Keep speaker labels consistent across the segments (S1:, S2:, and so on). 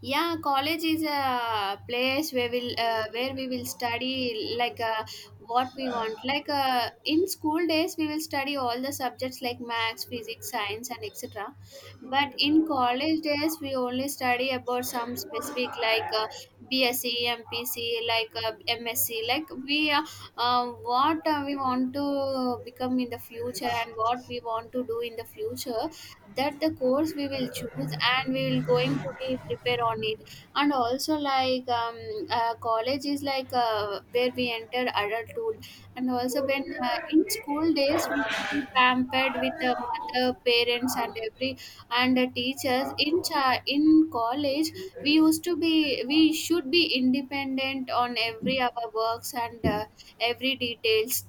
S1: Yeah, college is a place where we'll where we will study like what we want. Like in school days, we will study all the subjects like maths, physics, science, and etc. But in college days, we only study about some specific, like BSc, MPc, like MSc. Like we uh, what we want to become in the future, and what we want to do in the future, that the course we will choose, and we will going to be prepare on it. And also, like, college is like where we enter adulthood. And also, when in school days, we will be pampered with the mother parents and every, and the teachers in college, we should be independent on every our works, and every details.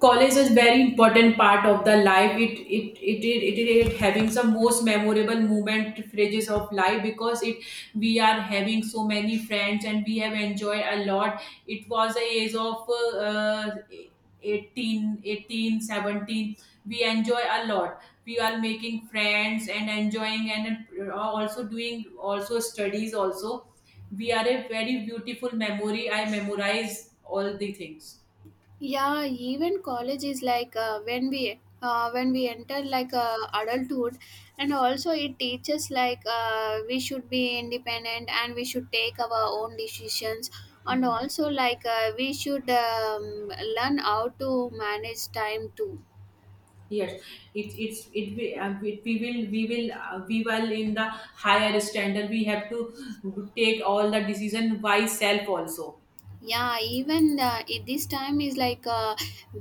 S2: College is very important part of the life. It having some most memorable moment phrases of life. Because it We are having so many friends and we have enjoyed a lot. It was a age of 18 18 17. We enjoy a lot. We are making friends and enjoying and also doing also studies also. We are a very beautiful memory. I memorize all the things.
S1: Yeah, even college is like when we enter, like adulthood. And also it teaches, like we should be independent, and we should take our own decisions. And also, like, we should, learn how to manage time too.
S2: Yes, it, it's it we will in the higher standard. We have to take all the decision by self also.
S1: Yeah, even this time is, like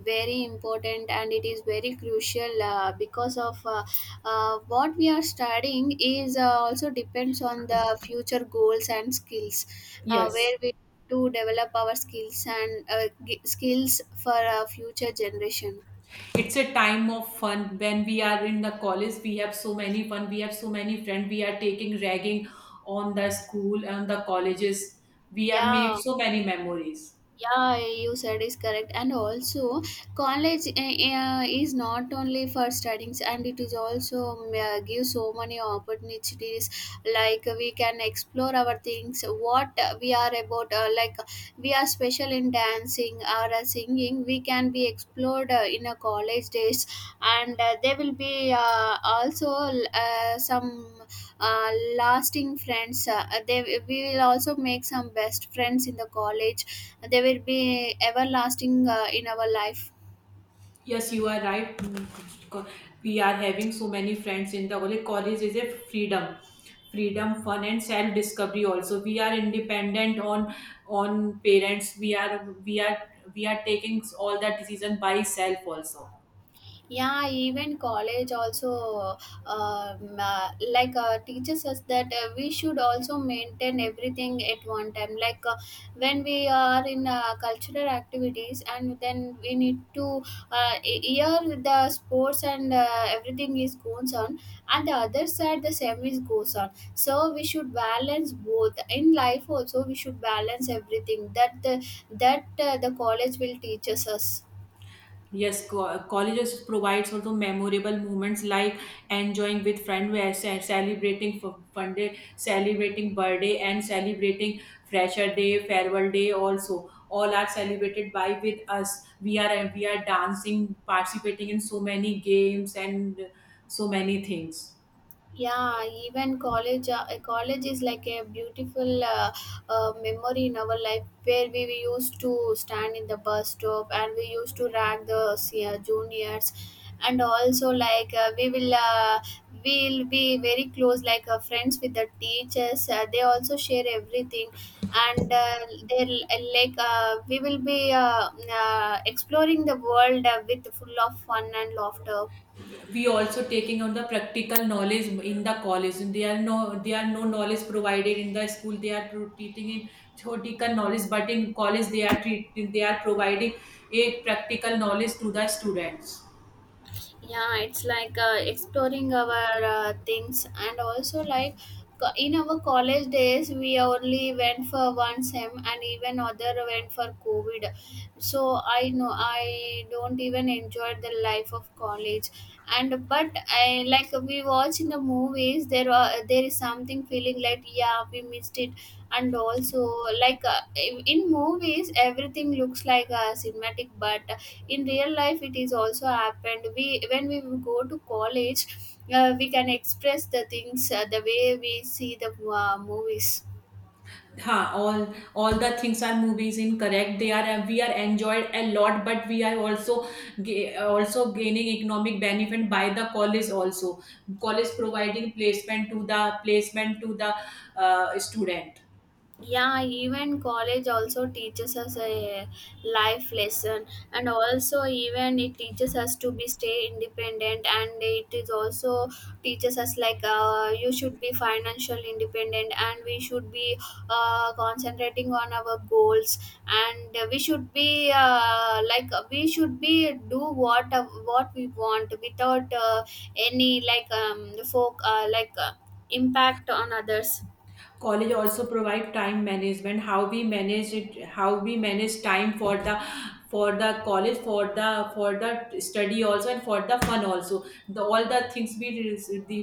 S1: very important, and it is very crucial, because of what we are studying is also depends on the future goals and skills,
S2: Yes,
S1: where we to develop our skills, and skills for future generation.
S2: it's a time of fun. When we are in the college, we have so many fun. We have so many friends. We are taking ragging on the school and the colleges. We have made
S1: Yeah,
S2: so many memories.
S1: yeah, you said is correct. And also, college is not only for studies, and it is also give so many opportunities. Like, we can explore our things, what we are about. Like, we are special in dancing or singing, we can be explored in a college days, and there will be also some uh, lasting friends, they we will also make some best friends in the college. They will be everlasting in our life.
S2: Yes, you are right. Co- We are having so many friends in the college. College is a freedom, freedom, fun, and self discovery. Also, we are independent on parents. We are taking all that decision by self also.
S1: Yeah, even college also, like teaches us that we should also maintain everything at one time, like when we are in cultural activities, and then we need to here the sports, and everything is goes on, and the other side the same is goes on. So we should balance both in life. Also, we should balance everything, that the college will teaches us.
S2: Yes, colleges provides also memorable moments like enjoying with friends, where celebrating for fun day, celebrating birthday, and celebrating fresher day, farewell day. Also, all are celebrated by with us. We are dancing, participating in so many games and so many things.
S1: Yeah, even college a college is like a beautiful memory in our life, where we used to stand in the bus stop, and we used to rag the juniors. And also, like we'll be very close, like friends with the teachers. They also share everything, and they like, we will be exploring the world, with full of fun and laughter.
S2: We also taking on the practical knowledge in the college. They are no knowledge provided in the school. They are teaching in theoretical knowledge, but in college they are treating, they are providing a practical knowledge to the students.
S1: Yeah, it's like exploring our things, and also, like, in our college days we only went for one sem, and even other went for covid. So I know I don't even enjoy the life of college, and but I, like, we watch in the movies, there is something feeling like, yeah, we missed it. And also, like in movies everything looks like a cinematic, but in real life it is also happened. We when we go to college, we can express the things, the way we see the movies.
S2: हाँ, all the things are movies in correct. They are, we are enjoyed a lot, but we are also also gaining economic benefit by the college also. College providing placement to the student.
S1: Yeah, even college also teaches us a life lesson. And also, even it teaches us to be stay independent, and it is also teaches us, like you should be financial independent, and we should be concentrating on our goals. And we should be do what we want, without any, like, folk, like, impact on others.
S2: College also provide time management. How we manage it, how we manage time for the college for the study also and for the fun also. The all the things we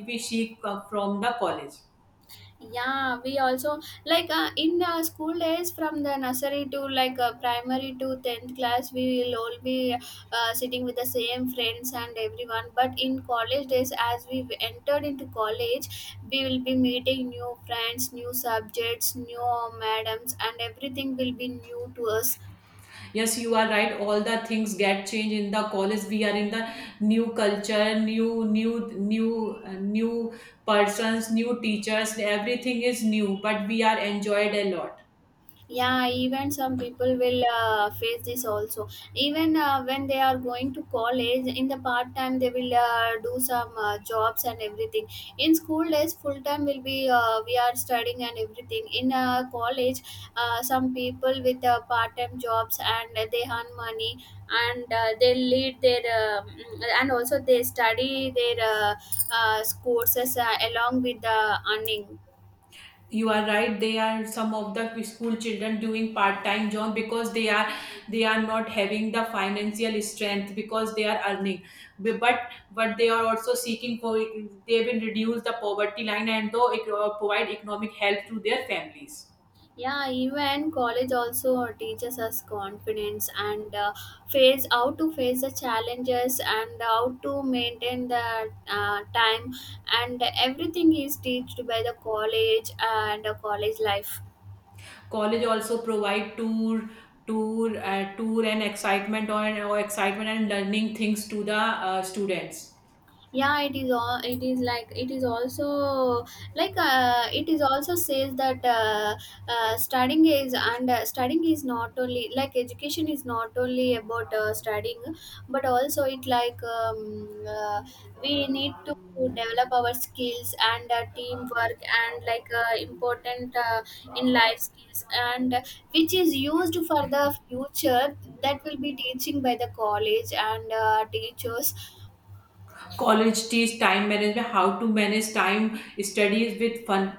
S2: we seek from the college.
S1: Yeah, we also, like in school days, from the nursery to, like primary to 10th class, we will all be sitting with the same friends and everyone. But in college days, as we entered into college, we will be meeting new friends, new subjects, new madams, and everything will be new to us.
S2: Yes, you are right. All the things get changed in the college. We are in the new culture, new persons, new teachers. Everything is new, but we are enjoyed a lot.
S1: Yeah, even some people will face this also. Even when they are going to college, in the part time they will do some jobs and everything. In school days, full time will be, we are studying and everything. In college, some people with part time jobs, and they earn money, and they lead their and also they study their courses along with the earning.
S2: You are right. They are some of the school children doing part-time job, because they are not having the financial strength, because they are earning. Bu- but but they are also seeking for, they will reduce the poverty line and though it, provide economic help to their families.
S1: Yeah, even college also teaches us confidence, and face how to face the challenges, and how to maintain the time. And everything is taught by the college and college life.
S2: College also provide tour, tour and excitement or excitement and learning things to the students.
S1: Yeah, it is like, it is also, like it is also says that studying is not only like, education is not only about studying, but also it like, we need to develop our skills and teamwork, and, like important, in life skills, and which is used for the future, that will be teaching by the college and teachers.
S2: College days, time management, how to manage time, studies with fun.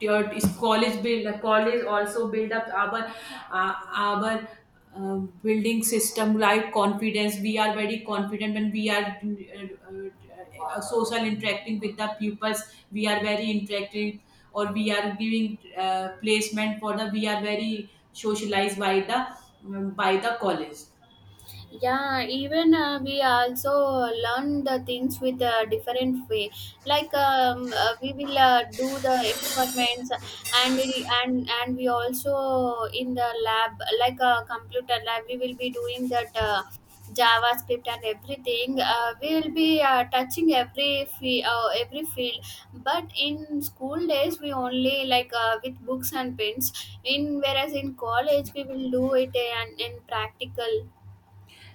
S2: Your college build, college also build up our uh, our uh, building system like confidence. We are very confident when we are social interacting with the pupils. We are very interacting, or we are giving placement for the, we are very socialized by the college.
S1: Yeah, even we also learn the things with a different way, like we will do the experiments, and will and we also in the lab, like a computer lab we will be doing that javascript, and everything we will be touching every every field. But in school days we only, like with books and pens in, whereas in college we will do it, and in practical.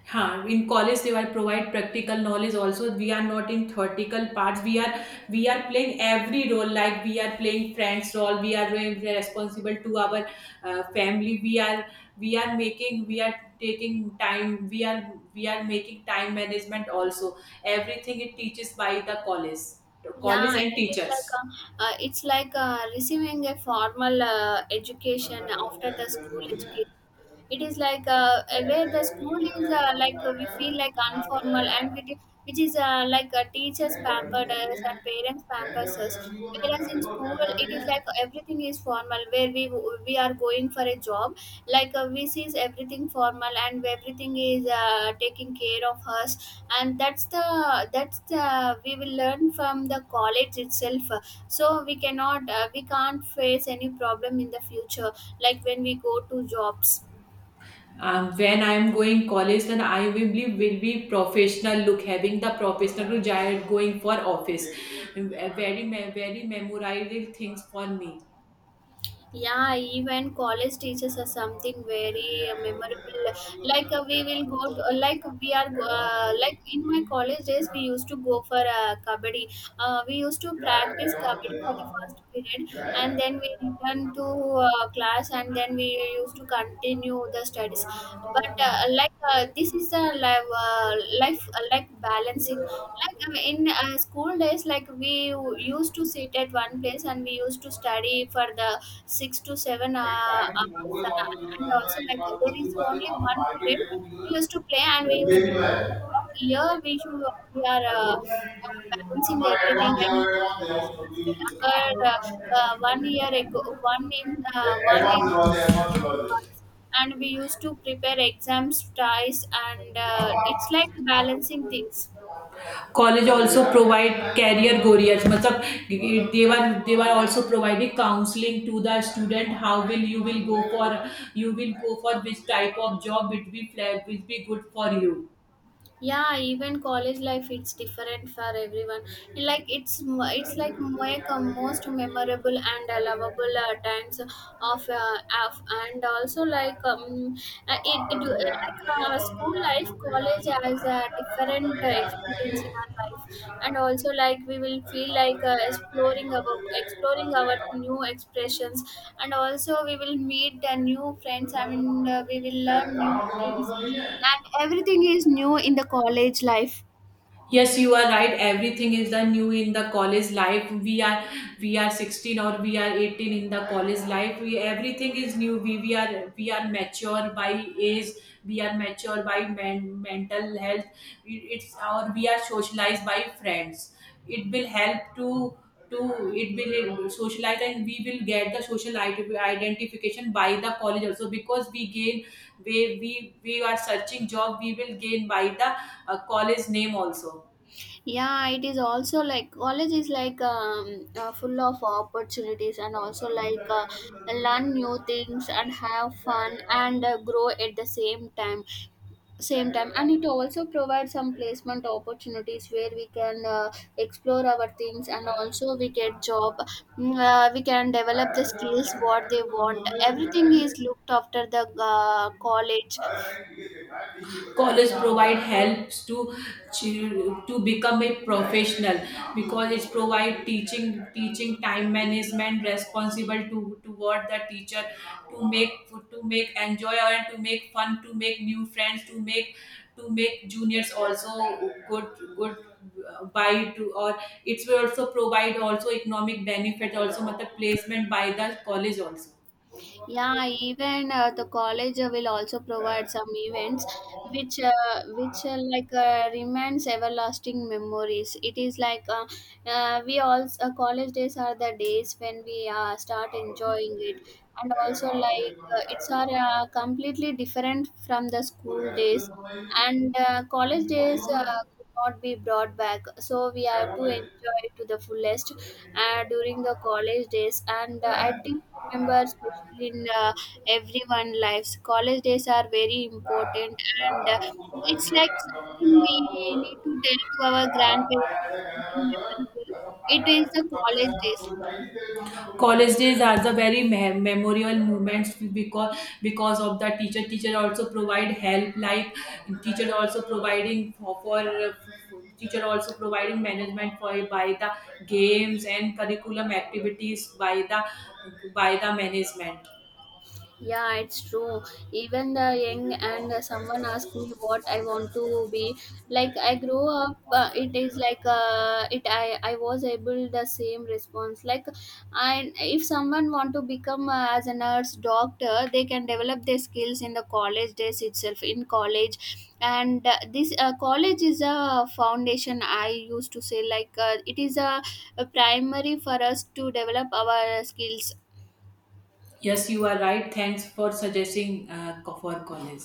S2: Huh, in college they will provide practical knowledge also. We are not in theoretical parts. We are playing every role, like we are playing friends role, we are doing, we are responsible to our family. We are making, we are taking time, we are making time management also. Everything it teaches by the college
S1: Yeah,
S2: and teachers.
S1: it's like receiving a formal education after the school education. It is like where the school is, like we feel like informal, and which is like teachers pampered us and parents pampers us. Whereas in school it is like everything is formal, where we are going for a job. Like we sees everything formal, and everything is taking care of us. And that's the, we will learn from the college itself. So we can't face any problem in the future, like when we go to jobs.
S2: When I am going college, then I will be professional look, having the professional look while going for office. Very, very memorable things for me.
S1: Yeah, even college teachers are something very memorable. Like in my college days we used to go for kabaddi. We used to practice kabaddi for the first period, and then we return to class, and then we used to continue the studies. But like, this is the life, uh, life, like, balancing. Like, in school days, like we used to sit at one place and we used to study for the 6 to 7 hours. And also, like there is only one period we used to play, and we used to come home. But here we are, balancing everything, and semesters will occur, one year ago, one in one year in advance. And we used to prepare exams twice, and it's like balancing things.
S2: College also provide career goals. Matlab, they were also providing counseling to the student. How will you will go for, you will go for which type of job it will be will be good for you.
S1: Yeah, even college life, it's different for everyone. Like, it's like, make a most memorable and lovable times of. And also, like, it, it like school life, college has a different experience in our life. And also, like we will feel like exploring our new expressions. And also we will meet new friends, I mean we will learn new things, and everything is new in the college life.
S2: Yes, you are right. Everything is the new in the college life. We are 16 or we are 18 in the college life. We, everything is new. We, we are mature by age. We are mature by mental health. It's our, we are socialized by friends. It will help to it will socialize, and we will get the social identification by the college also, because we gain where we are searching job. We will gain by the college name also.
S1: Yeah, it is also like, college is like, full of opportunities, and also, like learn new things and have fun, and grow at the same time. And it also provides some placement opportunities, where we can explore our things, and also we get job. We can develop the skills what they want, everything is looked after the college.
S2: College provide helps to to become a professional, because it's provide teaching, time management, responsible to toward the teacher, to make, to make enjoy, and to make fun, to make new friends, to make, to make juniors also good, buy to or it will also provide also economic benefit also, मतलब placement by the college also.
S1: Yeah, even the college will also provide some events, which, like remains everlasting memories. It is like we all college days are the days when we start enjoying it, and also, like it's are completely different from the school days, and college days could not be brought back. So we have to enjoy it to the fullest during the college days, and I think, remember, especially in everyone lives, college days are very important, and it's like something we need to tell to our grandparents, or something memorable, it is the college days.
S2: College days are the very memorial moments, because of the teacher. Teacher also provide help, like teacher also providing for teacher also providing management for by the games and curriculum activities by the management.
S1: Yeah, it's true. Even the young, and someone asked me what I want to be. Like, I grew up, it is like, it. I was able the same response. Like, I if someone want to become, as a nurse, doctor, they can develop their skills in the college days itself, in college, and this college is a foundation. I used to say, like it is a primary for us to develop our skills.
S2: Yes, you are right. Thanks for suggesting for college.